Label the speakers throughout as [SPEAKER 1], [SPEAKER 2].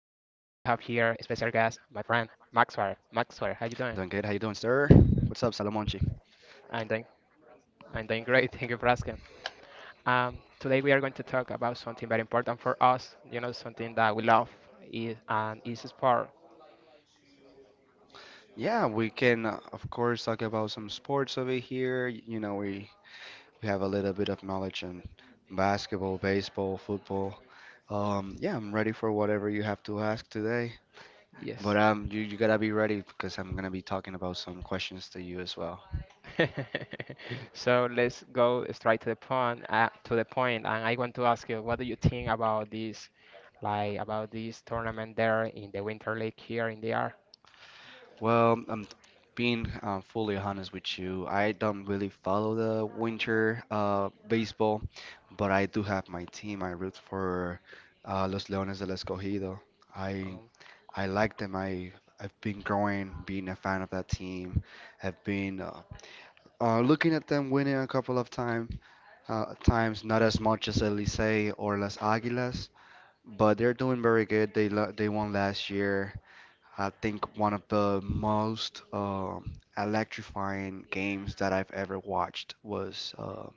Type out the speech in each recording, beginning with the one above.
[SPEAKER 1] Maxwell. Maxwell, how you doing?
[SPEAKER 2] Doing good. How you doing, sir? What's up,
[SPEAKER 1] I'm doing,
[SPEAKER 2] Salamonchi?
[SPEAKER 1] I'm doing great. Thank you for asking. Today we are going to talk about something very important for us. You know, something that we love is sport.
[SPEAKER 2] Yeah, we can of course talk about some sports over here. You know, we have a little bit of knowledge in basketball, baseball, football. Yeah, I'm ready for whatever you have to ask today.
[SPEAKER 1] Yes.
[SPEAKER 2] But you gotta be ready because I'm gonna be talking about some questions to you as well.
[SPEAKER 1] So let's go straight to the point. To the point, and I want to ask you, what do you think about this, like, about this tournament there in the Winter League here in the R?
[SPEAKER 2] Well, I'm being fully honest with you. I don't really follow the winter baseball, but I do have my team. I root for Los Leones del Escogido. I I like them. I've been growing, being a fan of that team. I've been looking at them winning a couple of times, not as much as El Licey or Las Águilas, but they're doing very good. They won last year. I think one of the most electrifying games that I've ever watched was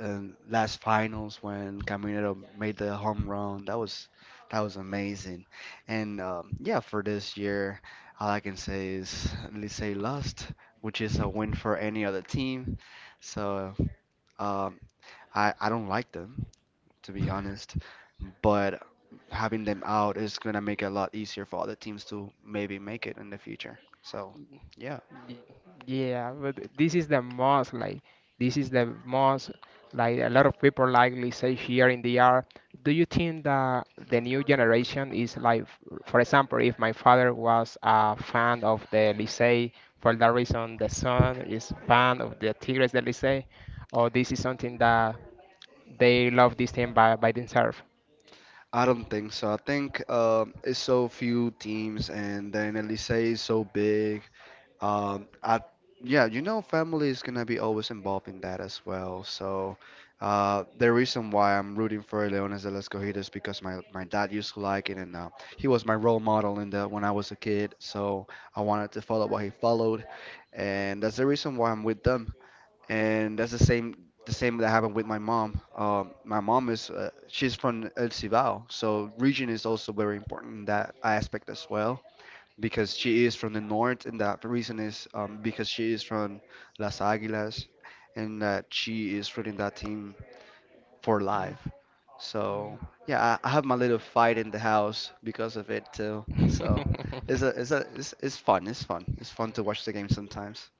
[SPEAKER 2] in last finals when Caminero made the home run. That was amazing. And yeah, for this year, all I can say is Licey lost, which is a win for any other team. So um, I don't like them, to be honest. But having them out is going to make it a lot easier for other teams to maybe make it in the future. So, yeah.
[SPEAKER 1] Y- Yeah, but this is the most like, this is the most like, a lot of people likely say here in the art. Do you think that the new generation is like, for example, if my father was a fan of the Licey, for that reason the son is fan of the Tigres del Licey, or this is something that they love this team by themselves?
[SPEAKER 2] I don't think so. I think it's so few teams, and then Elise is so big. Um, I, yeah, you know, family is gonna be always involved in that as well. So, the reason why I'm rooting for Leones de las Cogidas because my dad used to like it, and he was my role model in the when I was a kid. So I wanted to follow what he followed, and that's the reason why I'm with them. And that's the same that happened with my mom. My mom is she's from El Cibao, so region is also very important in that aspect as well because she is from the north, and that reason is because she is from Las Águilas, and that she is rooting that team for
[SPEAKER 1] Mm,
[SPEAKER 2] life. So yeah, I have my little fight in the house because of it too. So
[SPEAKER 1] mm.
[SPEAKER 2] it's a it's a it's, it's fun. It's fun. It's fun to watch the game sometimes.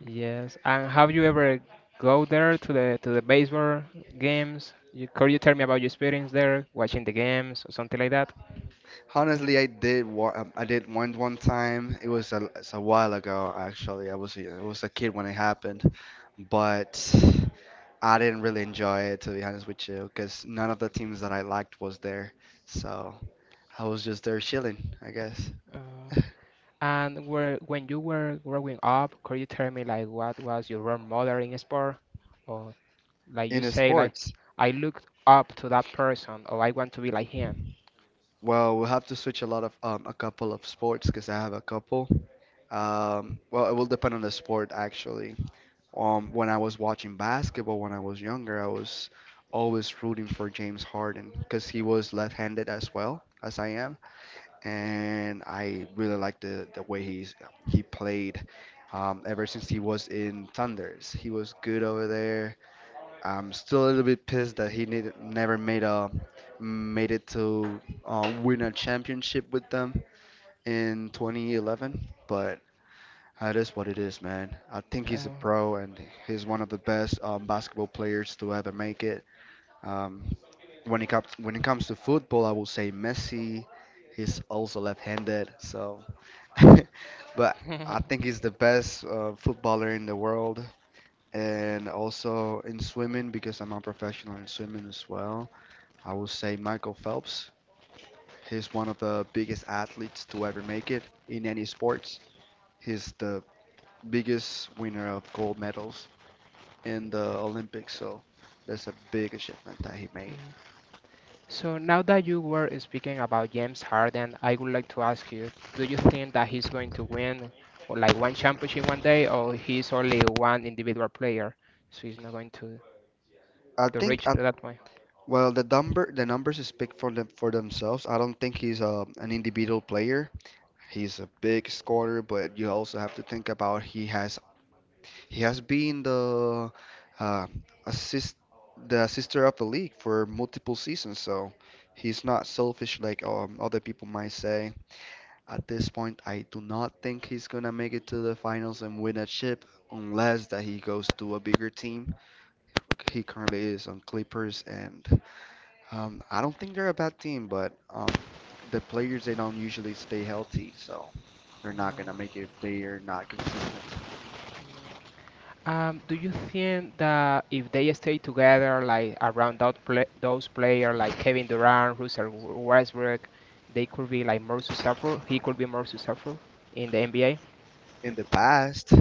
[SPEAKER 1] Yes. And have you ever go there to the baseball games? You, could you tell me about your experience there, watching the games or something like that?
[SPEAKER 2] Honestly, I did one time. It was a while ago actually. I was a kid when it happened, but. I didn't really enjoy it, to be honest with you, because none of the teams that I liked was there. So I was just there chilling, I guess.
[SPEAKER 1] Uh, and where when you were growing up, could you tell me like what was your role model in sport? Or like you
[SPEAKER 2] In
[SPEAKER 1] say like,
[SPEAKER 2] sports,
[SPEAKER 1] I looked up to that person or I want to be like him.
[SPEAKER 2] well, we'll have to switch a lot of a couple of sports because I have a couple. Well, it will depend on the sport actually. When I was watching basketball when I was younger, I was always rooting for James Harden because he was left-handed as well as I am. And I really like the way he played. Ever since he was in Thunders, he was good over there. I'm still a little bit pissed that never made it to win a championship with them in 2011, but that is what it is, man. I think he's a
[SPEAKER 1] Uh,
[SPEAKER 2] pro and he's one of the best basketball players to ever make it. Um, when it comes when it comes to football, I will say Messi. He's also left-handed, so but I think he's the best footballer in the world. And also in swimming, because I'm a professional in swimming as well, I will say Michael Phelps. He's one of the biggest athletes to ever make it in any sports. He's the biggest winner of gold medals in the Olympics, so that's a big achievement that he made.
[SPEAKER 1] So now that you were speaking about James Harden, I would like to ask you, do you think that he's going to win or like one championship one day, or he's only one individual player, so he's not going to
[SPEAKER 2] I think
[SPEAKER 1] reach
[SPEAKER 2] I,
[SPEAKER 1] to that point?
[SPEAKER 2] well, the numbers speak for themselves. I don't think he's an individual player. He's a big scorer, but you also have to think about he has been the uh, assist the assister of the league for multiple seasons, so he's not selfish like other people might say. At this point, I do not think he's gonna make it to the finals and win a chip unless that he goes to a bigger team. He currently is on Clippers, and I don't think they're a bad team, but the players, they don't usually stay healthy, so they're not
[SPEAKER 1] Mm,
[SPEAKER 2] gonna make it if they are not consistent.
[SPEAKER 1] mm. Do you think that if they stay together, like around that pla those players like Kevin Durant, Russell Westbrook, they could be like more successful? He could be more successful in the NBA?
[SPEAKER 2] In the past,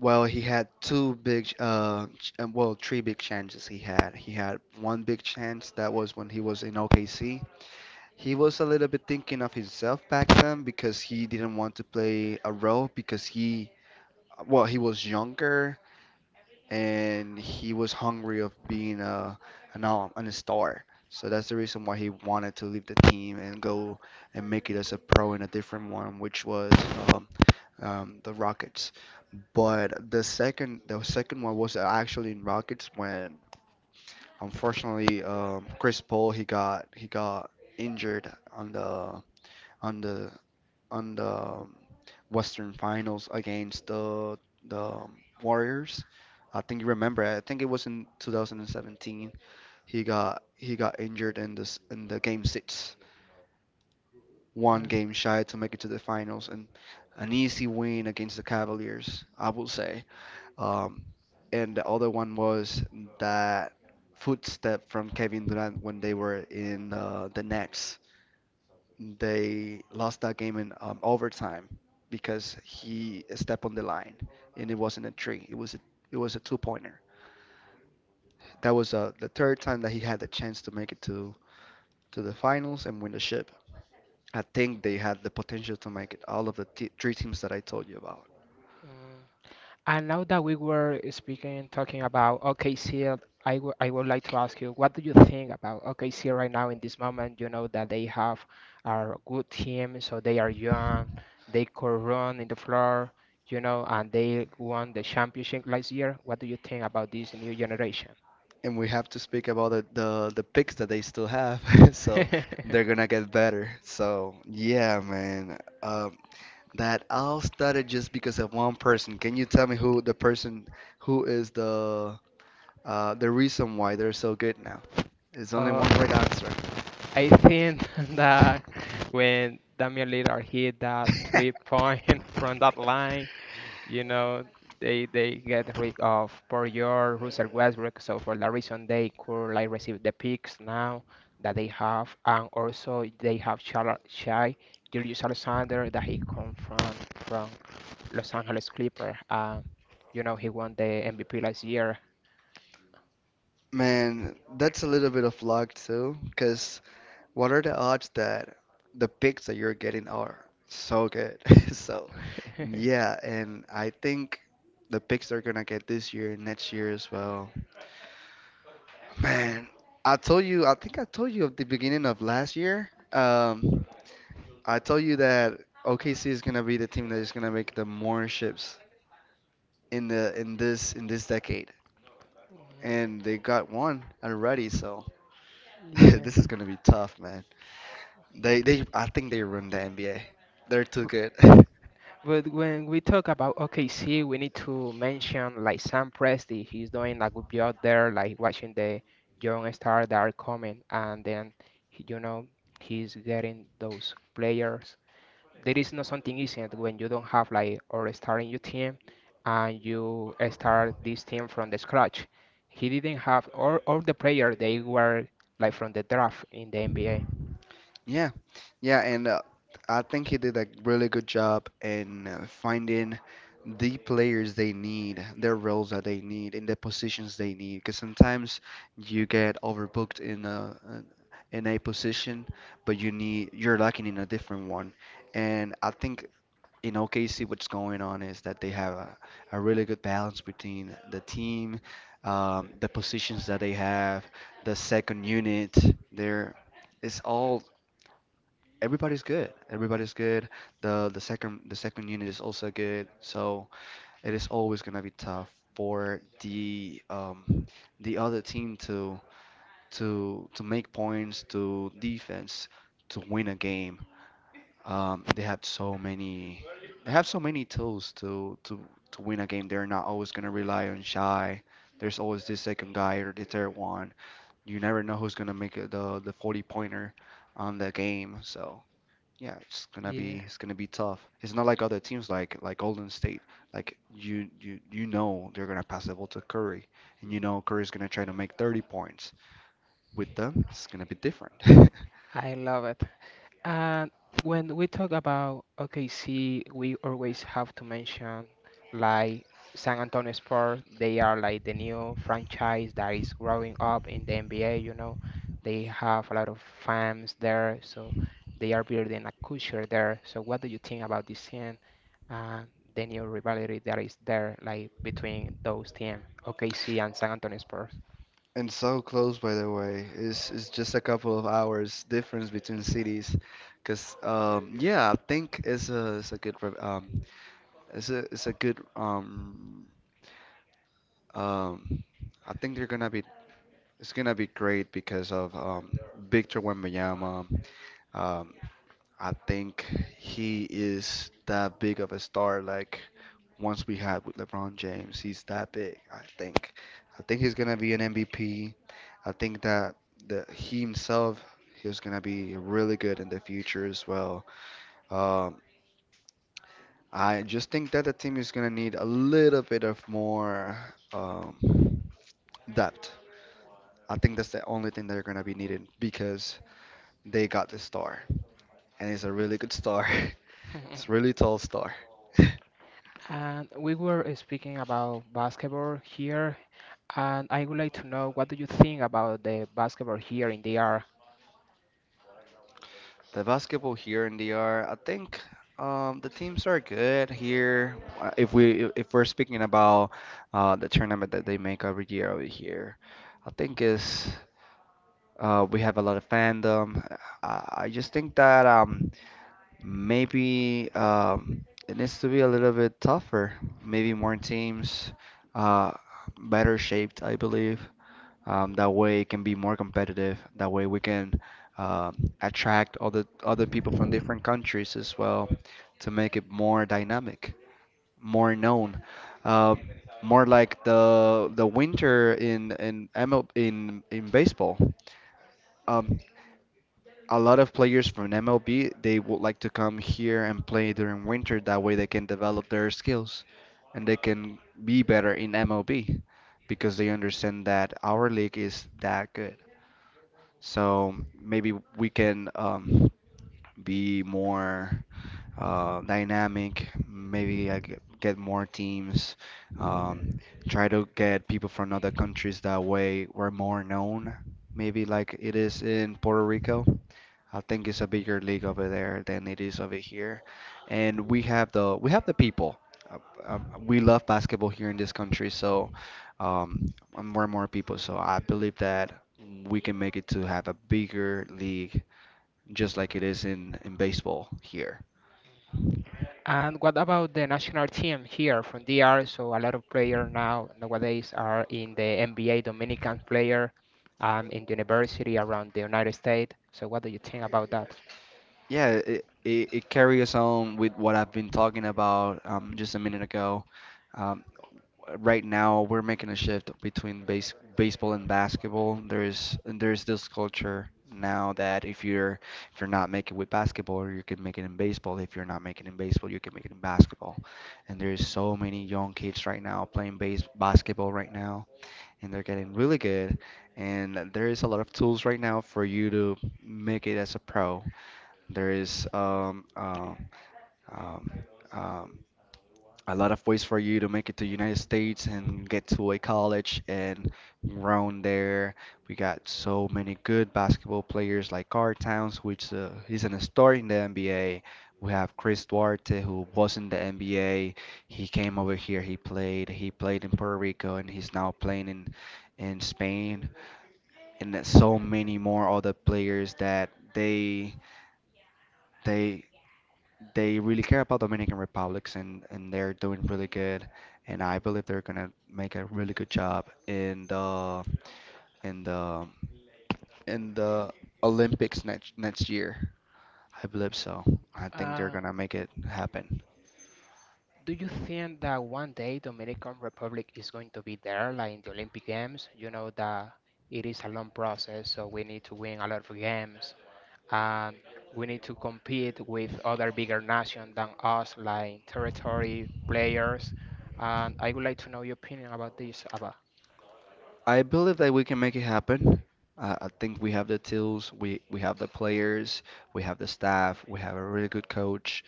[SPEAKER 2] well, he had two big, well, three big chances he had. He had one big chance that was when he was in OKC. He was a little bit thinking of himself back then because he didn't want to play a role because he, well, he was younger and he was hungry of being a an all and a star. So that's the reason why he wanted to leave the team and go and make it as a pro in a different one, which was um, the Rockets. But the second one was actually in Rockets when unfortunately Chris Paul, he got injured on on the the Western Finals against the Warriors. I think you remember. I think it was in 2017. He got injured in this in the game six, one
[SPEAKER 1] Uh,
[SPEAKER 2] game shy to make it to the finals, and an easy win against the Cavaliers, I will say. Um, and the other one was that footstep from Kevin Durant when they were in the Nets. They lost that game in overtime because he stepped on the line and it wasn't a three. It was a two pointer. That was the third time that he had the chance to make it to the finals and win the ship. I think they had the potential to make it. All of three teams that I told you about.
[SPEAKER 1] mm. And now that we were speaking, talking about OKC, I would like to ask you, what do you think about OKC right now in this moment? You know that they have a good team, so they are young, they could run in the floor, you know, and they won the championship last year. What do you think about this new generation?
[SPEAKER 2] And we have to speak about the picks that they still have, so they're gonna get better. So yeah, man. That all started just because of one person. Can you tell me who is the reason why they're so good now? It's only
[SPEAKER 1] Uh,
[SPEAKER 2] one right answer.
[SPEAKER 1] I think that when Damian Lillard hit that three point from that line, you know, they get rid of Poirier, Russell Westbrook, so for that reason they could like receive the picks now that they have, and also they have Shai Gilgeous Alexander that he come from Los Angeles Clippers, and you know he won the MVP last year.
[SPEAKER 2] Man, that's a little bit of luck too, because what are the odds that the picks that you're getting are so good? So, yeah, and I think the picks they're gonna get this year and next year as well. Man, I told you, I told you at the beginning of last year. I told you that OKC is gonna be the team that is gonna make the more ships in the in this decade, and they got one already, so
[SPEAKER 1] Yeah.
[SPEAKER 2] this is gonna be tough, man. They I think they ruined the NBA. They're too good.
[SPEAKER 1] But when we talk about OKC, we need to mention like Sam Presti. He's doing a good job there, like watching the young stars that are coming, and then you know he's getting those players. There is not something easy at when you don't have like or star in your team, and you start this team from the scratch. He didn't have all the players. They were like from the draft in the NBA.
[SPEAKER 2] Yeah, yeah, and I think he did a really good job in finding the players they need, their roles that they need, and the positions they need. Because sometimes you get overbooked in in a position, but you're lacking in a different one. And I think in OKC, what's going on is that they have a really good balance between the team, the positions that they have, the second unit. There, it's all, everybody's good. Everybody's good. The second unit is also good. So it is always gonna be tough for the other team to to make points, to defense, to win a game. They have so many, they have so many tools to to win a game. They're not always gonna rely on shy. There's always this second guy or the third one. You never know who's gonna make it the 40 pointer on the game. So. Yeah,
[SPEAKER 1] Yeah,
[SPEAKER 2] it's gonna be tough. It's not like other teams, like Golden State. Like you know they're gonna pass the ball to Curry, and you know Curry's gonna try to make 30 points. With them, it's gonna be different.
[SPEAKER 1] I love it. And when we talk about OKC, we always have to mention like San Antonio Spurs. They are like the new franchise that is growing up in the NBA, you know. They have a lot of fans there, so they are building a culture there. So what do you think about this scene and the new rivalry that is there, like between those teams, OKC and San Antonio Spurs?
[SPEAKER 2] And so close, by the way, is just a couple of hours difference between cities, because yeah, I think it's it's a good um I think they're gonna be it's gonna be great because of Victor Wembanyama. Um, I think he is that big of a star. Like once we had with LeBron James, he's that big, I think. I think he's gonna be an MVP. I think that the he himself is gonna be really good in the future as well. Um, I just think that the team is gonna need a little bit of more um, depth. I think that's the only thing they're gonna be needing because they got the star and it's a really good star. It's really tall star.
[SPEAKER 1] And we were speaking about basketball here, and I would like to know what do you think about the basketball here in DR?
[SPEAKER 2] The basketball here in the DR, I think the teams are good here. If we're speaking about the tournament that they make every year over here, I think is we have a lot of fandom. I just think that maybe it needs to be a little bit tougher. Maybe more teams, uh, better shaped, I believe. That way it can be more competitive. That way we can uh, attract other people from different countries as well to make it more dynamic, more known, uh, more like the winter in in ML, in in baseball. Um, a lot of players from MLB they would like to come here and play during winter. That way they can develop their skills and they can be better in MLB because they understand that our league is that good. So maybe we can be more dynamic, maybe get more teams, um, try to get people from other countries that way we're more known, maybe like it is in Puerto Rico. I think it's a bigger league over there than it is over here, and we have the people. Uh, we love basketball here in this country, so more and more people. So I believe that we can make it to have a bigger league, just like it is in baseball here.
[SPEAKER 1] And what about the national team here from DR? So a lot of players now nowadays are in the NBA, Dominican player, in university around the United States. So what do you think about that?
[SPEAKER 2] Yeah, it carries on with what I've been talking about just a minute ago. Um, right now, we're making a shift between baseball and basketball. There's this culture now that if you're not making with basketball, you can make it in baseball. If you're not making it in baseball, you can make it in basketball. And there's so many young kids right now playing base basketball right now, and they're getting really good. And there is a lot of tools right now for you to make it as a pro, there is um, um, a lot of ways for you to make it to United States and get to a college and round there. We got so many good basketball players like Carl Towns, which he's an star in the NBA. We have Chris Duarte, who was in the NBA. He came over here, he played in Puerto Rico, and he's now playing in Spain. And there's so many more other players that they they really care about Dominican Republics and they're doing really good. And I believe they're gonna make a really good job in the in the in the Olympics next year. I believe so. I think they're
[SPEAKER 1] Uh,
[SPEAKER 2] gonna make it happen.
[SPEAKER 1] do you think that one day Dominican Republic is going to be there, like in the Olympic Games? You know that it is a long process, so we need to win a lot of games, and we need to compete with other bigger nations than us, like territory players. And I would like to know your opinion about this, Abba.
[SPEAKER 2] I believe that we can make it happen. I think we have the tools, we have the players, we have the staff, we have a really good coach,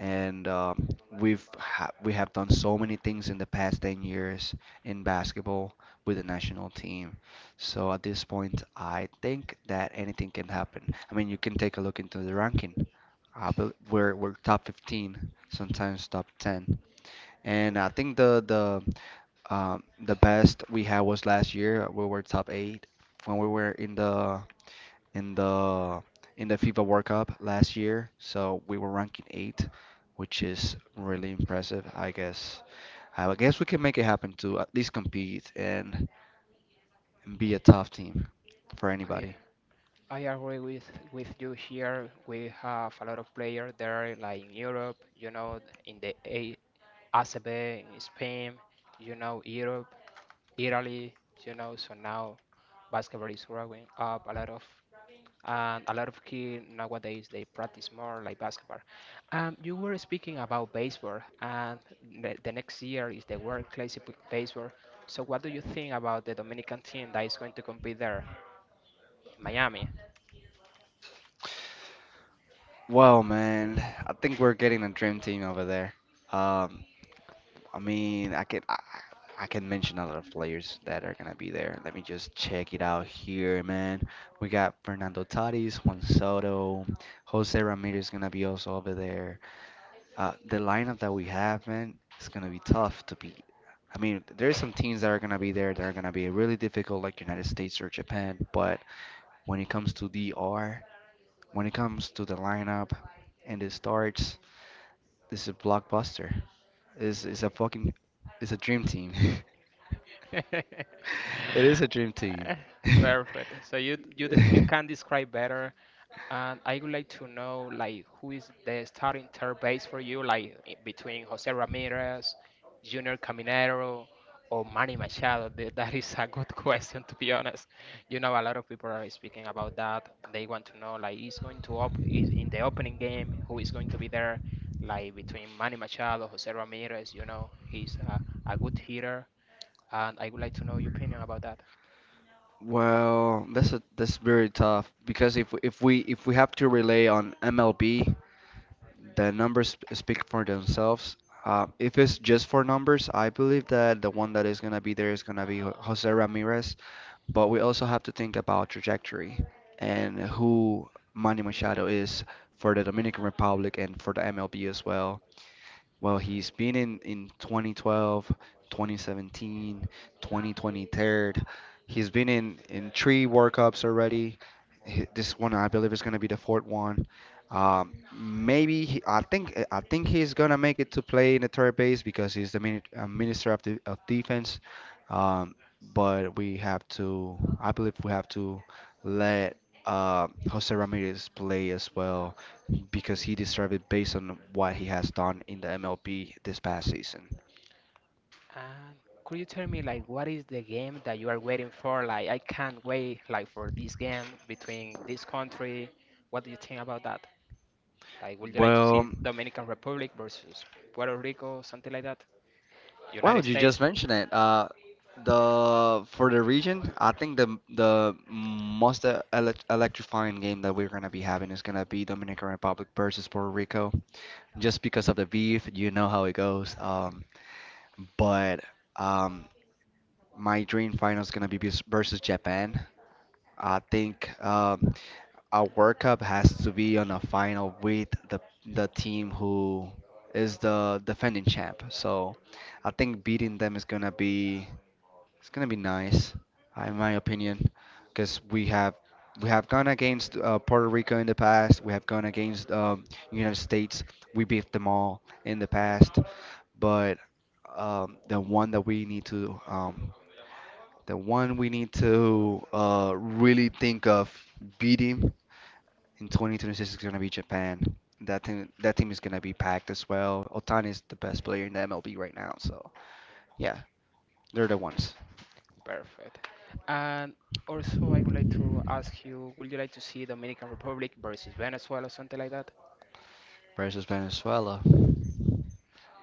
[SPEAKER 2] and we have done so many things in the past 10 years in basketball with the national team. So at this point, I think that anything can happen. I mean, you can take a look into the ranking. I bel we're top 15, sometimes top 10. And I think the best we had was last year. We were top eight when we were in the in the FIFA World Cup last year. So we were ranking eight, which is really impressive. I guess we can make it happen to at least compete and be a tough team for
[SPEAKER 1] I
[SPEAKER 2] anybody.
[SPEAKER 1] I agree with you here. We have a lot of players there, like in Europe, you know, in the A ACB, in Spain, you know, Europe, Italy, you know. So now basketball is growing up a lot of, and a lot of kids nowadays they practice more like basketball. You were speaking about baseball, and the next year is the World Classic Baseball. So, what do you think about the Dominican team that is going to compete there, in Miami?
[SPEAKER 2] Well, man, I think we're getting a dream team over there. Um, I mean, I can mention a lot of players that are gonna be there. Let me just check it out here, man. We got Fernando Tatis, Juan Soto, Jose Ramirez gonna be also over there. The lineup that we have, man, it's gonna be tough to beat. I mean, there's some teams that are gonna be there that are gonna be really difficult, like United States or Japan. But when it comes to DR, when it comes to the lineup and the starts, this is a blockbuster. It's a it's a dream team. It is a dream team.
[SPEAKER 1] Perfect. So you you can describe better. And I would like to know, like, who is the starting third base for you, like between Jose Ramirez, Junior Caminero, or Manny Machado? That is a good question, to be honest. You know, a lot of people are speaking about that. They want to know, like, is going to op is in the opening game, who is going to be there, like between Manny Machado, Jose Ramirez. You know, a good hitter, and I would like to know your opinion about that.
[SPEAKER 2] Well, that's very tough because if we have to rely on MLB. The numbers speak for themselves. If it's just for numbers, I believe that the one that is going to be there is going to be Jose Ramirez. But we also have to think about trajectory and who Manny Machado is for the Dominican Republic and for the MLB as well. Well, he's been in 2012, 2017, 2023. He's been in three World Cups already. This one, I believe, is going to be the fourth one. I think he's gonna make it to play in the third base because he's the mini, minister of the, of defense. Um, but we have to, I believe, we have to let Jose Ramirez play as well because he deserved it based on what he has done in the MLB this past season.
[SPEAKER 1] And could you tell me like what is the game that you are waiting for? Like, I can't wait like for this game between this country. What do you think about that? Like, would you like to
[SPEAKER 2] Well,
[SPEAKER 1] see Dominican Republic versus Puerto Rico, something like that?
[SPEAKER 2] wow,
[SPEAKER 1] United
[SPEAKER 2] you
[SPEAKER 1] States?
[SPEAKER 2] just mentioned it. The for the region, I think the most electrifying game that we're gonna be having is gonna be Dominican Republic versus Puerto Rico. Just because of the beef, you know how it goes. But um, my dream final is gonna be versus Japan. I think. A World Cup has to be on a final with the team who is the defending champ. So I think beating them is gonna be nice, in my opinion, because we have gone against Puerto Rico in the past. We have gone against United States. We beat them all in the past, but um, the one that we need to um, the one we need to really think of beating in 2026 is gonna be Japan. That team is gonna be packed as well. Otani is the best player in the MLB right now, so yeah, they're the ones.
[SPEAKER 1] Perfect. And also I would like to ask you, would you like to see Dominican Republic versus Venezuela, something like that?
[SPEAKER 2] Versus Venezuela,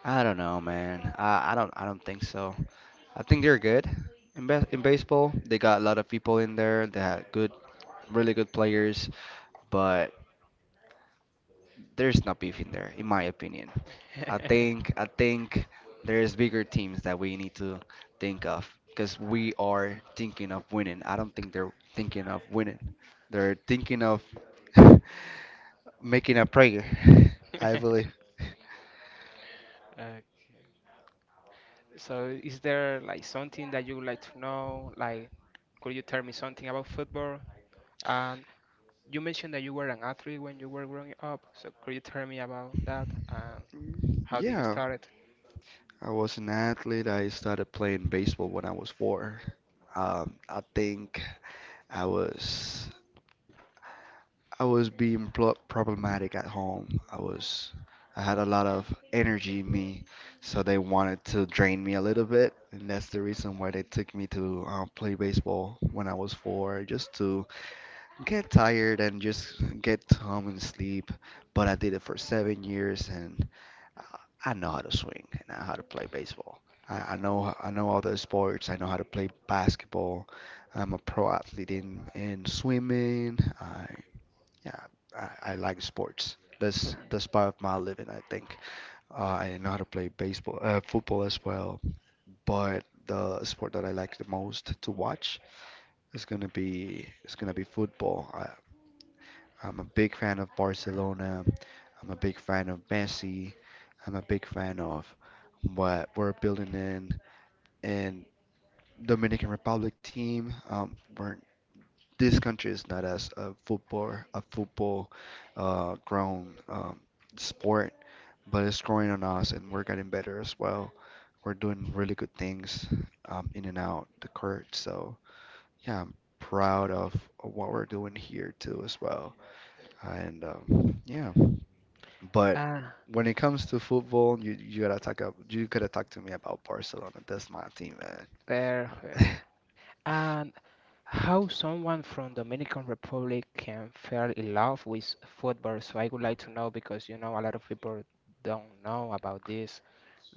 [SPEAKER 2] I don't know, man. I don't think so. I think they're good in in baseball. They got a lot of people in there. They had really good players, but there's no beef in there, in my opinion. I think there's bigger teams that we need to think of because we are thinking of winning. I don't think they're thinking of winning. They're thinking of making a prayer, I believe.
[SPEAKER 1] Uh, so is there like something that you would like to know? Like, could you tell me something about football? And you mentioned that you were an athlete when you were growing up, so could you tell me about that and how did you
[SPEAKER 2] Yeah,
[SPEAKER 1] start it?
[SPEAKER 2] I was an athlete. I started playing baseball when I was four. Um, I think I was. I was being pl problematic at home. I had a lot of energy in me, so they wanted to drain me a little bit, and that's the reason why they took me to play baseball when I was four, just to get tired and just get home and sleep. But I did it for 7 years, and I I know how to swing and I know how to play baseball. I know all the sports. I know how to play basketball. I'm a pro athlete in swimming. Yeah, I like sports. That's part of my living, I think. I know how to play baseball, football as well. But the sport that I like the most to watch is gonna be football. I'm a big fan of Barcelona. I'm a big fan of Messi. I'm a big fan of what we're building in Dominican Republic team. We're this country is not as a football grown sport, but it's growing on us, and we're getting better as well. We're doing really good things in and out the court. So yeah, I'm proud of what we're doing here too as well. And yeah, but
[SPEAKER 1] Ah,
[SPEAKER 2] when it comes to football, you gotta talk up. You gotta talk to me about Barcelona. That's my team,
[SPEAKER 1] perfect.
[SPEAKER 2] man.
[SPEAKER 1] And how someone from Dominican Republic can fall in love with football? So I would like to know because you know a lot of people don't know about this.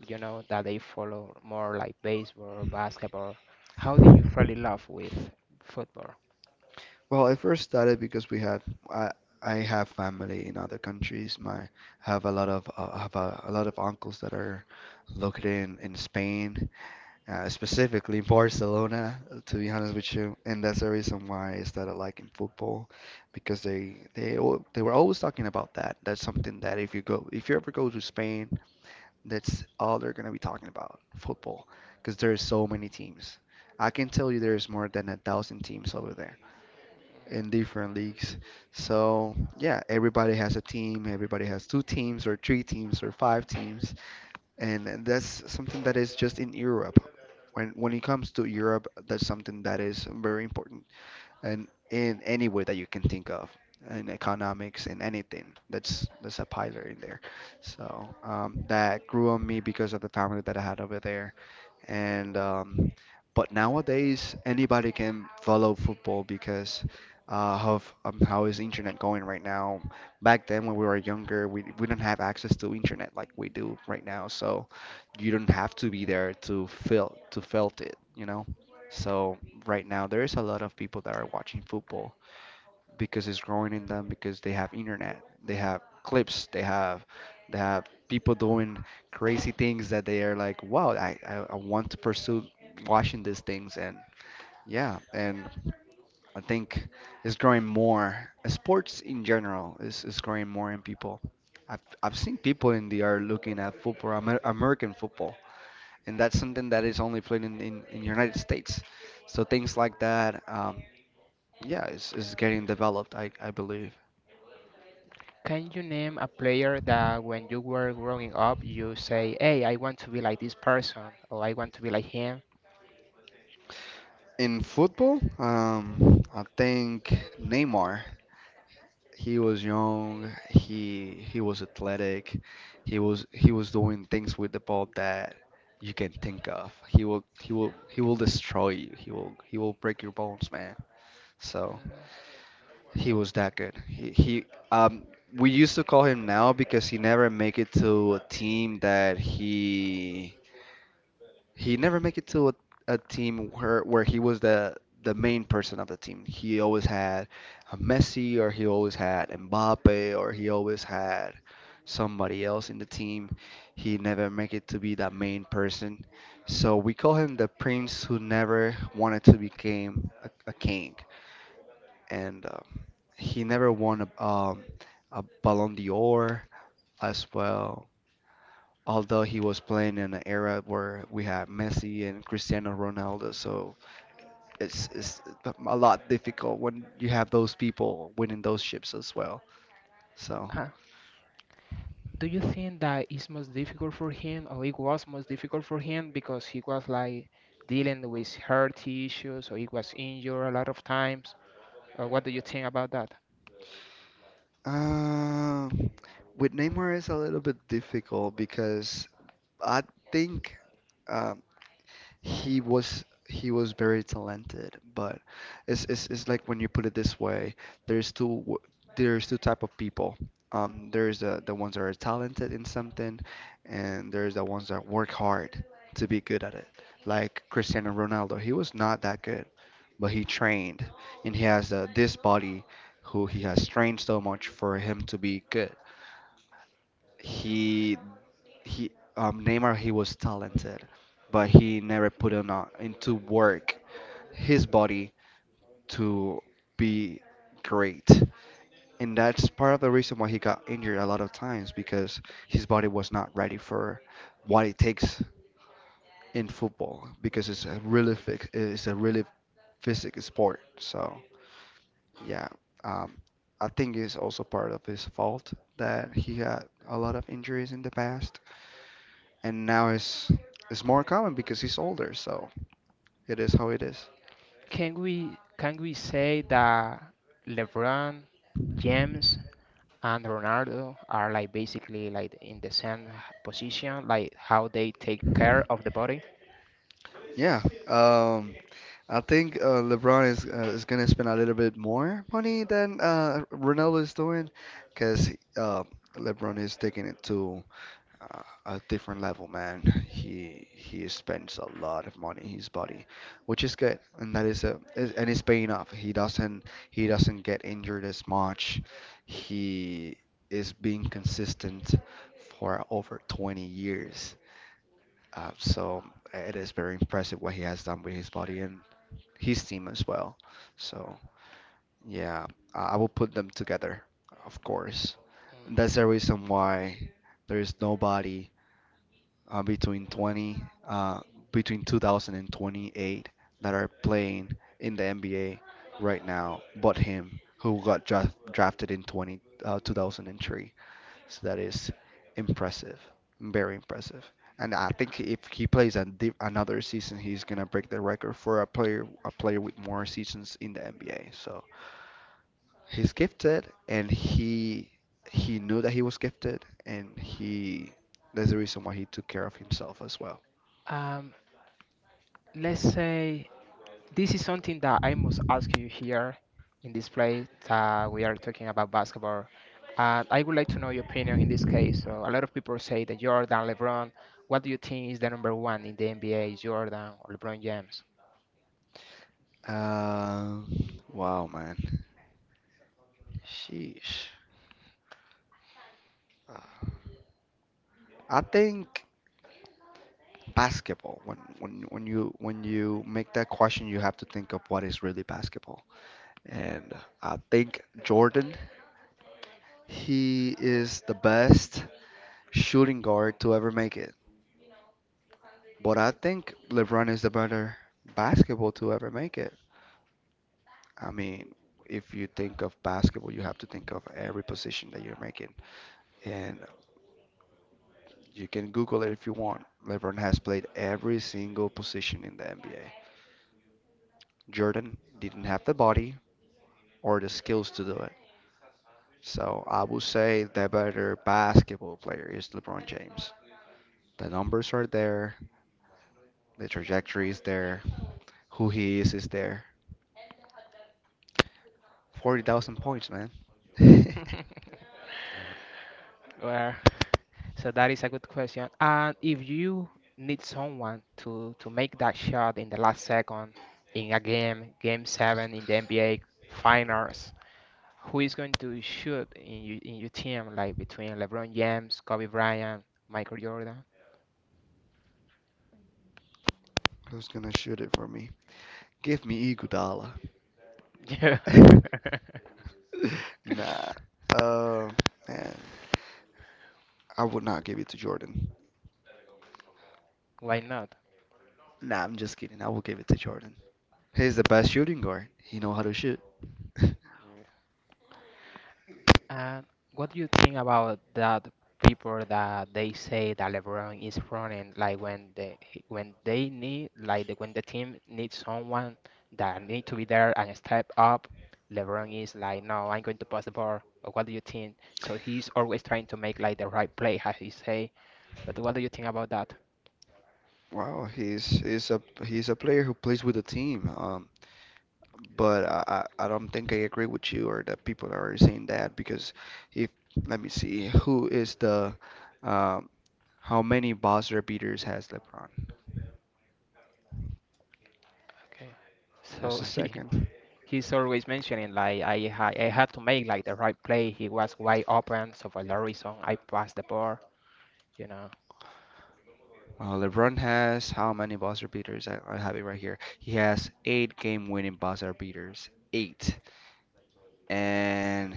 [SPEAKER 1] You know that they follow more like baseball or basketball. How did you fall in love with football?
[SPEAKER 2] Well, I first started because we had I I have family in other countries. My have a lot of I have a lot of uncles that are located in Spain, specifically Barcelona, to be honest with you. And that's the reason why I started liking football because they were always talking about that. That's something that if you go if you ever go to Spain, that's all they're gonna be talking about, football, because there are so many teams. I can tell you there's more than 1,000 teams over there in different leagues. So, yeah, everybody has a team, everybody has two teams or three teams or five teams, and that's something that is just in Europe. When it comes to Europe, that's something that is very important and in any way that you can think of in economics, in anything that's a pillar in there. So that grew on me because of the family that I had over there. And But nowadays anybody can follow football because of how is internet going right now. Back then when we were younger, we didn't have access to internet like we do right now. So you don't have to be there to feel to felt it. so right now there is a lot of people that are watching football because it's growing in them because they have internet, they have clips, they have people doing crazy things that they are like, wow, I want to pursue watching these things. And yeah, and I think it's growing more. Sports in general is growing more in people. I've seen people in the are looking at football, American football, and that's something that is only played in in United States. So things like that, yeah, is getting developed, I believe.
[SPEAKER 1] Can you name a player that when you were growing up, you say, hey, I want to be like this person, or I want to be like him?
[SPEAKER 2] In football, I think Neymar. He was young. He was athletic. He was doing things with the ball that you can think of. He will he will destroy you. He will break your bones, man. So.
[SPEAKER 1] Mm,
[SPEAKER 2] He was that good. He um we used to call him now because he never make it to a team that he never make it to a team where he was the main person of the team. He always had a Messi or he always had Mbappe or he always had somebody else in the team. He never make it to be the main person. So we call him the prince who never wanted to become a king. And He never won a Ballon d'Or as well. Although he was playing in an era where we had Messi and Cristiano Ronaldo, so it's a lot difficult when you have those people winning those ships as well. So,
[SPEAKER 1] uh, do you think that it's most difficult for him, or it was most difficult for him because he was like dealing with health issues, or he was injured a lot of times? Or what do you think about that?
[SPEAKER 2] uh, with Neymar, it's a little bit difficult because I think. Um, he was he was very talented, but it's like when you put it this way, there's there's two type of people. There's the ones that are talented in something, and there's the ones that work hard to be good at it. Like Cristiano Ronaldo, he was not that good, but he trained, and he has this body who he has trained so much for him to be good. He he Neymar, he was talented, but he never put on into work his body to be great. And that's part of the reason why he got injured a lot of times because his body was not ready for what it takes in football because it's it's a really physical sport. So yeah, um, I think it's also part of his fault that he had a lot of injuries in the past, and now it's more common because he's older, so it is how it is.
[SPEAKER 1] Can we say that LeBron James and Ronaldo are like basically like in the same position, like how they take care of the body.
[SPEAKER 2] Yeah, um, I think LeBron is gonna spend a little bit more money than Ronaldo is doing, because uh, LeBron is taking it to a different level, man. He spends a lot of money in his body, which is good, and that is a is- and it's paying off. He doesn't get injured as much. He is being consistent for over 20 years. So it is very impressive what he has done with his body and his team as well. So yeah, I will put them together, of course. And that's the reason why there is nobody uh, between 20 uh, between 2000 and 28 that are playing in the NBA right now, but him who got drafted in 20 2003. So that is impressive, very impressive. And I think if he plays another season, he's gonna break the record for a player with more seasons in the NBA. So he's gifted, and he knew that he was gifted, and he that's the reason why he took care of himself as well.
[SPEAKER 1] Um, let's say this is something that I must ask you here in this place. We are talking about basketball. And I would like to know your opinion in this case. So a lot of people say that Jordan, LeBron. What do you think is the number one in the NBA? Is Jordan or LeBron James?
[SPEAKER 2] Uh, wow, man. Sheesh. Uh, I think basketball. When you make that question, you have to think of what is really basketball. And I think Jordan, he is the best shooting guard to ever make it. But I think LeBron is the better basketball to ever make it. I mean, if you think of basketball, you have to think of every position that you're making. And you can Google it if you want. LeBron has played every single position in the NBA. Jordan didn't have the body or the skills to do it. So I would say the better basketball player is LeBron James. The numbers are there, the trajectory is there, who he is there. 40,000 points, man.
[SPEAKER 1] Well, so that is a good question. And if you need someone to make that shot in the last second in a game, game seven in the NBA finals, who is going to shoot in you, in your team, like between LeBron James, Kobe Bryant, Michael Jordan?
[SPEAKER 2] Who's gonna shoot it for me? Give me Iguodala.
[SPEAKER 1] Yeah.
[SPEAKER 2] Nah. Uh, Man, I would not give it to Jordan.
[SPEAKER 1] Why not?
[SPEAKER 2] Nah, I'm just kidding. I will give it to Jordan. He's the
[SPEAKER 1] Mm.
[SPEAKER 2] best shooting guard. He know how to shoot.
[SPEAKER 1] And what do you think about that people that they say that LeBron is running like when when they need like the, when the team needs someone that need to be there and step up, LeBron is like, no, I'm going to pass the ball. Or what do you think? So he's always trying to make like the right play, as he say. But what do you think about that?
[SPEAKER 2] Wow, he's a player who plays with a team. But I don't think I agree with you or that people are saying that because if let me see who is the um how many buzzer beaters has LeBron?
[SPEAKER 1] Okay. So
[SPEAKER 2] Just a second.
[SPEAKER 1] he's always mentioning like I had to make like the right play. He was wide open, so for that reason I passed the ball, you know.
[SPEAKER 2] LeBron has how many buzzer beaters? I have it right here. He has 8 game-winning buzzer beaters. 8. And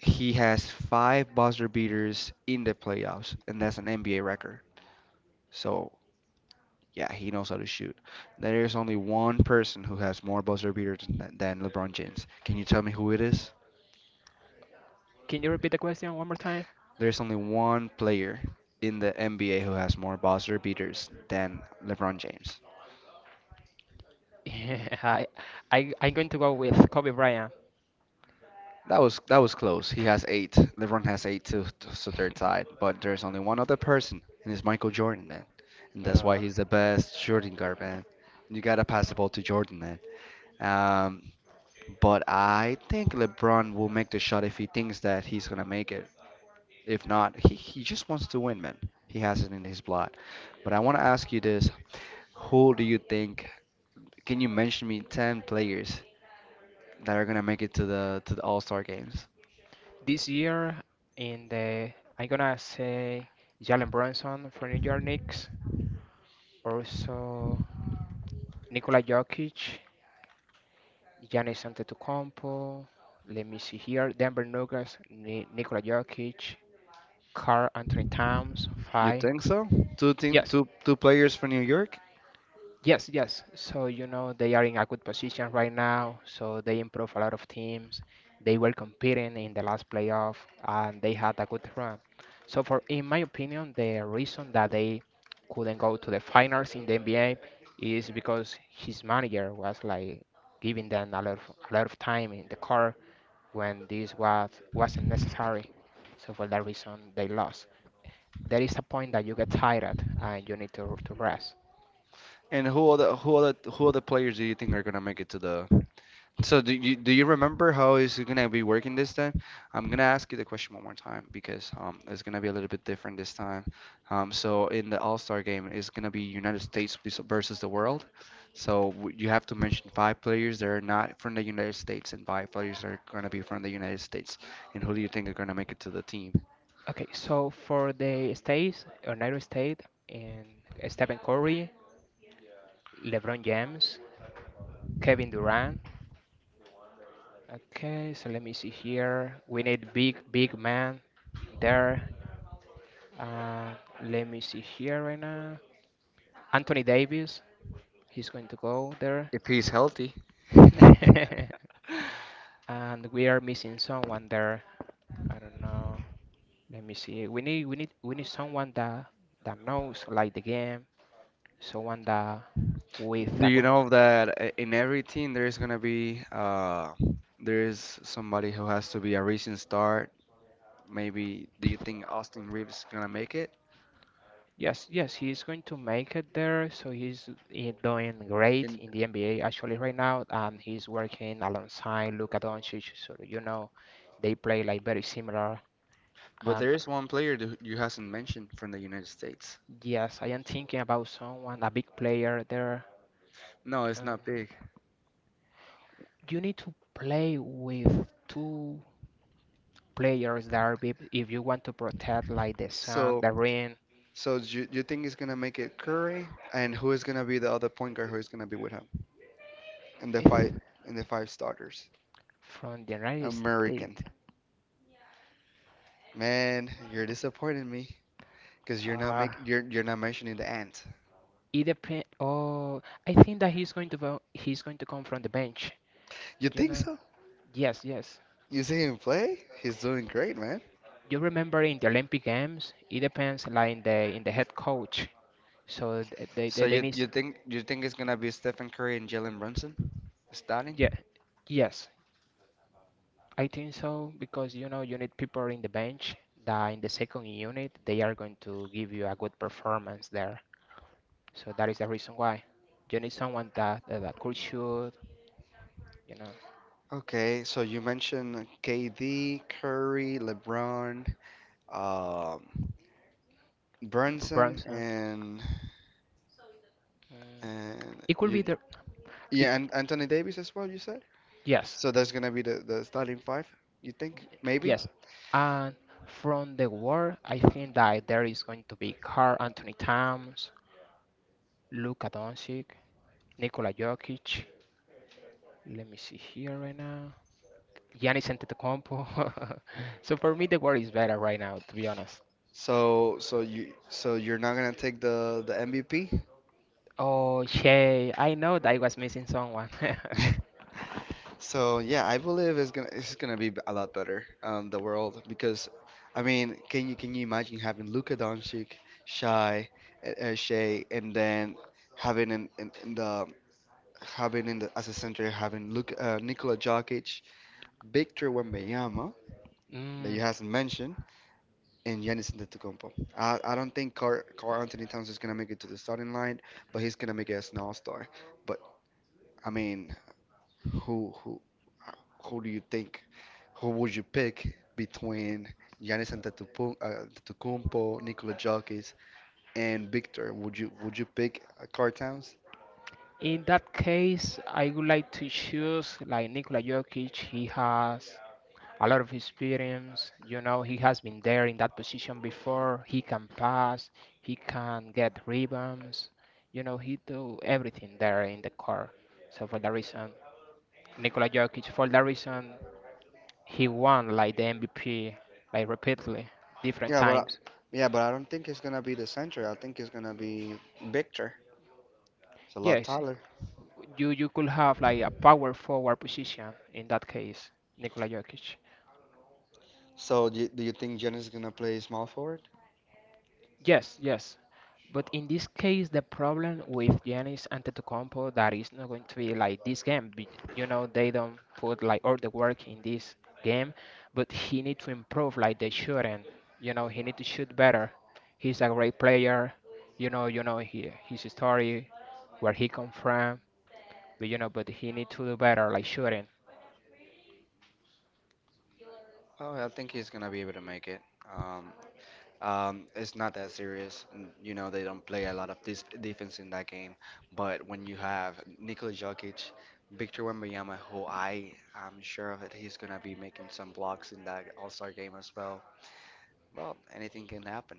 [SPEAKER 2] he has 5 buzzer beaters in the playoffs, and that's an NBA record. So yeah, he knows how to shoot. There is only one person who has more buzzer beaters than LeBron James. Can you tell me who it is?
[SPEAKER 1] Can you repeat the question one more time?
[SPEAKER 2] There's only one player in the NBA who has more buzzer beaters than LeBron James.
[SPEAKER 1] I, I'm going to go with Kobe Bryant.
[SPEAKER 2] That was close. He has eight. LeBron has 8 too, so they're tied. But there's only one other person, and it's Michael Jordan, man. And that's why
[SPEAKER 1] Uh,
[SPEAKER 2] he's the best shooting guard, man. You gotta pass the ball to Jordan. Um, but I think LeBron will make the shot if he thinks that he's gonna make it. If not, he just wants to win, man. He has it in his blood. But I want to ask you this: Who do you think? Can you mention me 10 players that are gonna make it to the All-Star games?
[SPEAKER 1] this year, in the, I'm gonna say Jalen Brunson from New York Knicks, also Nikola Jokic, Giannis Antetokounmpo. Let me see here, Denver Nuggets, Ni Nikola Jokic, Karl Anthony Towns,
[SPEAKER 2] You
[SPEAKER 1] five.
[SPEAKER 2] think so? Two team,
[SPEAKER 1] Yes,
[SPEAKER 2] two players from New York,
[SPEAKER 1] Yes, yes. So, you know, they are in a good position right now. So they improve a lot of teams. They were competing in the last playoff and they had a good run. So for, in my opinion, the reason that they couldn't go to the finals in the NBA is because his manager was like giving them a lot of time in the car when this wasn't necessary. So for that reason, they lost. There is a point that you get tired and you need to rest.
[SPEAKER 2] and who other players do you think are gonna make it to the? So do you remember how is it gonna be working this time? I'm gonna ask you the question one more time because it's gonna be a little bit different this time. So in the All-Star game, it's gonna be United States versus the world. So you have to mention 5 players that are not from the United States and 5 players that are gonna be from the United States. And who do you think are gonna make it to the team?
[SPEAKER 1] Okay, so for the States, United States, and Stephen Curry, LeBron James, Kevin Durant. Okay, so let me see here. We need big man there. Uh, Let me see here right now. Anthony Davis, he's going to go there.
[SPEAKER 2] If he's healthy.
[SPEAKER 1] And we are missing someone there. I don't know. Let me see. We need someone that knows like the game, someone that with
[SPEAKER 2] Do
[SPEAKER 1] a
[SPEAKER 2] you
[SPEAKER 1] good.
[SPEAKER 2] know that in every team there's gonna be there's somebody who has to be a recent start? Maybe do you think Austin Reeves is gonna make it?
[SPEAKER 1] Yes, yes, he's going to make it there. So he's doing great
[SPEAKER 2] In
[SPEAKER 1] in the NBA actually right now, and he's working alongside Luka Doncic. So you know, they play like very similar.
[SPEAKER 2] but
[SPEAKER 1] And
[SPEAKER 2] there is one player that you hasn't mentioned from the United States.
[SPEAKER 1] yes, I am thinking about someone, a big player there.
[SPEAKER 2] No, it's
[SPEAKER 1] Um,
[SPEAKER 2] not big.
[SPEAKER 1] you need to play with two players that are big if you want to protect like the sun,
[SPEAKER 2] So
[SPEAKER 1] the ring.
[SPEAKER 2] so do you think he's gonna make it, Curry? And who is gonna be the other point guard who is gonna be with him? In the five
[SPEAKER 1] It's
[SPEAKER 2] in the five starters.
[SPEAKER 1] from the United States.
[SPEAKER 2] American. Man, you're disappointing me. Cause
[SPEAKER 1] Uh,
[SPEAKER 2] you're not mentioning the ant.
[SPEAKER 1] It depend. Oh, I think that he's going to go, he's going to come from the bench.
[SPEAKER 2] You
[SPEAKER 1] You
[SPEAKER 2] think
[SPEAKER 1] know?
[SPEAKER 2] so?
[SPEAKER 1] Yes, yes.
[SPEAKER 2] You see him play? He's doing great, man.
[SPEAKER 1] You remember in the Olympic Games, it depends like in the head coach. So they they,
[SPEAKER 2] So
[SPEAKER 1] they
[SPEAKER 2] you
[SPEAKER 1] need.
[SPEAKER 2] you think you think it's gonna be Stephen Curry and Jalen Brunson
[SPEAKER 1] Yeah,
[SPEAKER 2] starting?
[SPEAKER 1] yes, I think so because you know you need people in the bench that in the second unit they are going to give you a good performance there. So that is the reason why you need someone that could shoot. You know,
[SPEAKER 2] Okay, so you mentioned KD, Curry, LeBron, um, Brunson,
[SPEAKER 1] Brunson. Mm.
[SPEAKER 2] and
[SPEAKER 1] It could be
[SPEAKER 2] you
[SPEAKER 1] the. It,
[SPEAKER 2] yeah, and Anthony Davis as well. You said
[SPEAKER 1] yes.
[SPEAKER 2] so that's gonna be the starting five. You think maybe?
[SPEAKER 1] Yes. And from the war, I think that there is going to be Carl Anthony Towns, Luka Doncic, Nikola Jokic. Let me see here right now. Giannis Antetokounmpo. So for me, the war is better right now, to be honest.
[SPEAKER 2] So so you so you're not gonna take the MVP?
[SPEAKER 1] Oh, Shay, I know that I was missing someone.
[SPEAKER 2] So yeah, I believe it's gonna be a lot better, the world because, I mean, can you imagine having Luka Doncic, Shy, Shea, and then having in, in, in the having in the as a center having Nikola Jokic, Victor Wembanyama that
[SPEAKER 1] Mm.
[SPEAKER 2] you hasn't mentioned, and Giannis Antetokounmpo. I don't think Carl Anthony Towns is gonna make it to the starting line, but he's gonna make it as an All-Star. But I mean, who who who do you think? Who would you pick between Antetokounmpo, Nikola Jokic, and Victor? Would you pick Karl Towns?
[SPEAKER 1] In that case, I would like to choose like Nikola Jokic. He has a lot of experience. You know, he has been there in that position before. He can pass, he can get rebounds. You know, he do everything there in the court. So for that reason, Nikola Jokic, for that reason, he won like the MVP like repeatedly, different
[SPEAKER 2] Yeah, but I,
[SPEAKER 1] times.
[SPEAKER 2] yeah, but I don't think it's gonna be the center. I think it's gonna be Victor. It's a lot
[SPEAKER 1] Yes,
[SPEAKER 2] taller.
[SPEAKER 1] you could have like a power forward position in that case, Nikola Jokic.
[SPEAKER 2] So do you think Giannis is gonna play small forward?
[SPEAKER 1] Yes, yes. But in this case, the problem with Giannis Antetokounmpo that is not going to be like this game. You know, they don't put like all the work in this game, but he need to improve like the shooting. You know, he need to shoot better. He's a great player. You know he, his story, where he come from. But you know, but he need to do better like shooting.
[SPEAKER 2] Oh, I think he's gonna be able to make it. Um, it's not that serious. You know, they don't play a lot of this defense in that game. But when you have Nikola Jokic, Victor Wembanyama, who I am sure of it, he's gonna be making some blocks in that All-Star game as well. Well, anything can happen.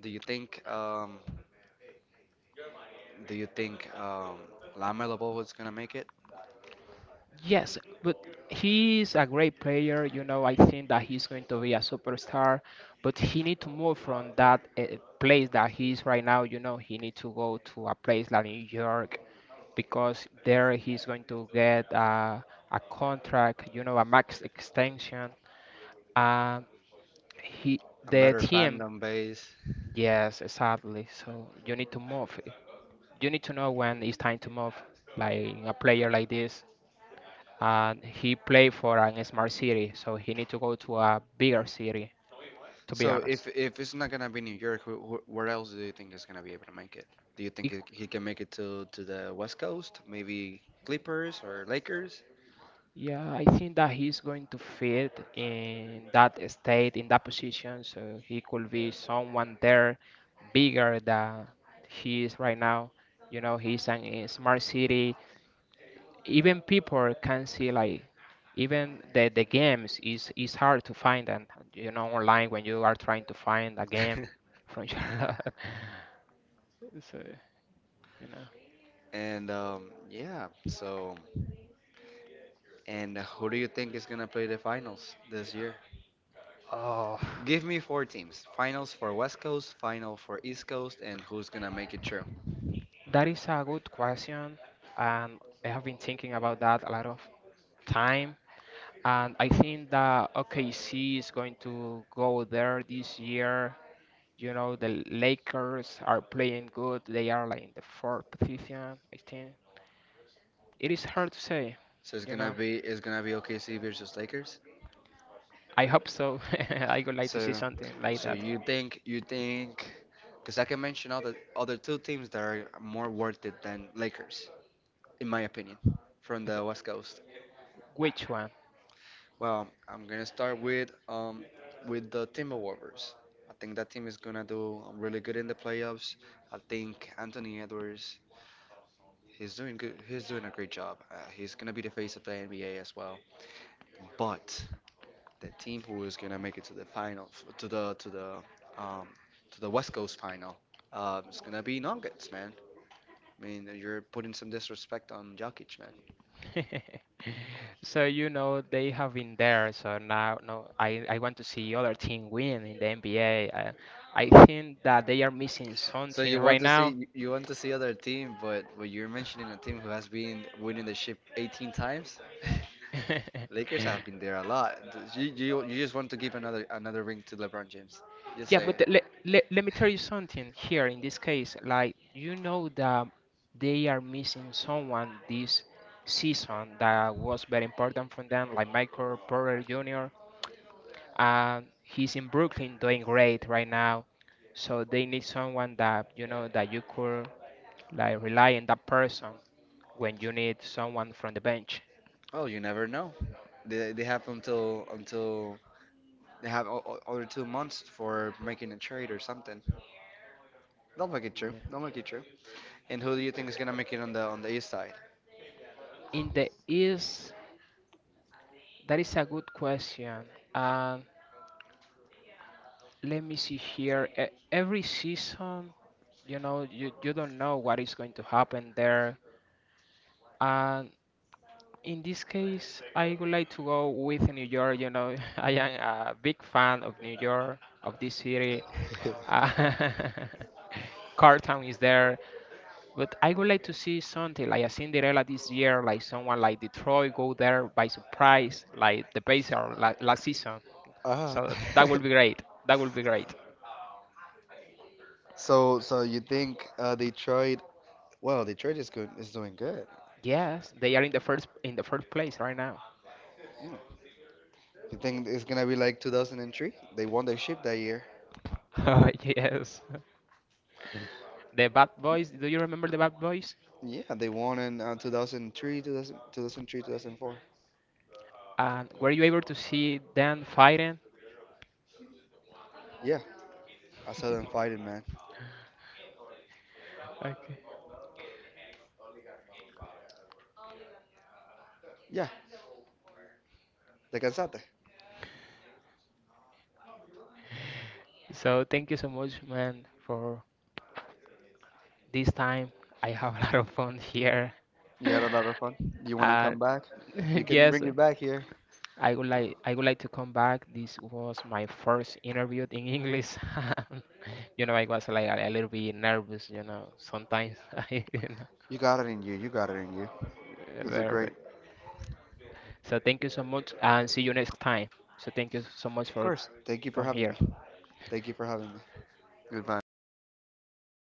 [SPEAKER 2] Do you think? Do you think LaMelo Ball is gonna make it?
[SPEAKER 1] Yes, but he's a great player. You know, I think that he's going to be a superstar, but he need to move from that place that he is right now. You know, he need to go to a place like New York because there he's going to get a contract. You know, a max extension. Um, he
[SPEAKER 2] A
[SPEAKER 1] the
[SPEAKER 2] better
[SPEAKER 1] team.
[SPEAKER 2] fandom base.
[SPEAKER 1] Yes, exactly. So you need to move. You need to know when it's time to move, like a player like this, and he played for an smart city, so he need to go to a bigger city, to be
[SPEAKER 2] So if
[SPEAKER 1] honest.
[SPEAKER 2] if it's not gonna be New York, wh wh where else do you think he's gonna be able to make it? Do you think
[SPEAKER 1] It-
[SPEAKER 2] he can make it to the West Coast? Maybe Clippers or Lakers?
[SPEAKER 1] yeah, I think that he's going to fit in that state, in that position, so he could be someone there bigger than he is right now. You know, he's an, a smart city. Even people can see like even the games is hard to find them, you know, online when you are trying to find a game from Charlotte. So. You know,
[SPEAKER 2] And yeah, so and who do you think is gonna play the finals this year?
[SPEAKER 1] oh,
[SPEAKER 2] Give me four teams. Finals for West Coast, final for East Coast, and who's gonna make it through.
[SPEAKER 1] that is a good question, and I have been thinking about that a lot of time. And I think that OKC is going to go there this year. You know, the Lakers are playing good. They are like in the fourth position, I think. It is hard to say,
[SPEAKER 2] So it's
[SPEAKER 1] you
[SPEAKER 2] gonna
[SPEAKER 1] know.
[SPEAKER 2] be it's gonna be OKC versus Lakers.
[SPEAKER 1] I hope so. I would like to see
[SPEAKER 2] So,
[SPEAKER 1] something like
[SPEAKER 2] so
[SPEAKER 1] that.
[SPEAKER 2] you think, because I can mention other two teams that are more worth it than Lakers, in my opinion, from the
[SPEAKER 1] Okay,
[SPEAKER 2] West Coast.
[SPEAKER 1] which one?
[SPEAKER 2] Well, I'm gonna start with the Timberwolves. I think that team is gonna do really good in the playoffs. I think Anthony Edwards, he's doing good. He's doing a great job. He's gonna be the face of the NBA as well. But the team who is gonna make it to the final, to the to the um to the West Coast final. It's gonna be Nuggets, man. I mean, you're putting some disrespect on Jokic, man.
[SPEAKER 1] So you know they have been there. So now, no, I want to see other team win in the NBA. I think that they are missing
[SPEAKER 2] So
[SPEAKER 1] something right now.
[SPEAKER 2] you want to see other team, but you're mentioning a team who has been winning the ship 18 times. Lakers have been there a lot. You just want to give another ring to LeBron James. Just
[SPEAKER 1] Yeah,
[SPEAKER 2] say it.
[SPEAKER 1] but let me tell you something here in this case. Like, you know that they are missing someone this season that was very important for them, like Michael Porter Jr. He's in Brooklyn doing great right now. So they need someone that, you know, that you could like rely on that person when you need someone from the bench.
[SPEAKER 2] Well, you never know. They have until they have other 2 months for making a trade or something. They'll make it true.
[SPEAKER 1] Yeah.
[SPEAKER 2] They'll make it true. And who do you think is gonna make it on the east side?
[SPEAKER 1] In the East, that is a good question. Um, Let me see here. Every season, you know, you don't know what is going to happen there. And in this case, I would like to go with New York. You know, I am a big fan of New York, of this city. Uh, Cartown is there, but I would like to see something like a Cinderella this year, like someone like Detroit go there by surprise, like the base or la last season.
[SPEAKER 2] Ah,
[SPEAKER 1] So that would be great. That would be great.
[SPEAKER 2] so so you think Detroit? Well, Detroit is good. Is doing good.
[SPEAKER 1] Yes, they are in the first place right now.
[SPEAKER 2] Mm. You think it's gonna be like 2003? They won their ship that year.
[SPEAKER 1] Oh yes, the Bad Boys. Do you remember the Bad Boys?
[SPEAKER 2] Yeah, they won in 2003, 2000, 2004.
[SPEAKER 1] And were you able to see them fighting?
[SPEAKER 2] Yeah, I saw them fighting, man.
[SPEAKER 1] Okay.
[SPEAKER 2] Yeah, they cansate.
[SPEAKER 1] So thank you so much, man, for this time. I have a lot of fun here.
[SPEAKER 2] You had a lot of fun. You wanna come
[SPEAKER 1] Uh,
[SPEAKER 2] back? You can bring
[SPEAKER 1] yes,
[SPEAKER 2] it back here.
[SPEAKER 1] I would like to come back. This was my first interview in English. You know, I was like a little bit nervous, you know, sometimes
[SPEAKER 2] You got it in you. You look great.
[SPEAKER 1] very. So thank you so much and see you next time. So thank you so much
[SPEAKER 2] Of
[SPEAKER 1] for
[SPEAKER 2] course. Thank you for
[SPEAKER 1] come
[SPEAKER 2] having me.
[SPEAKER 1] here.
[SPEAKER 2] Thank you for having me. Goodbye, man.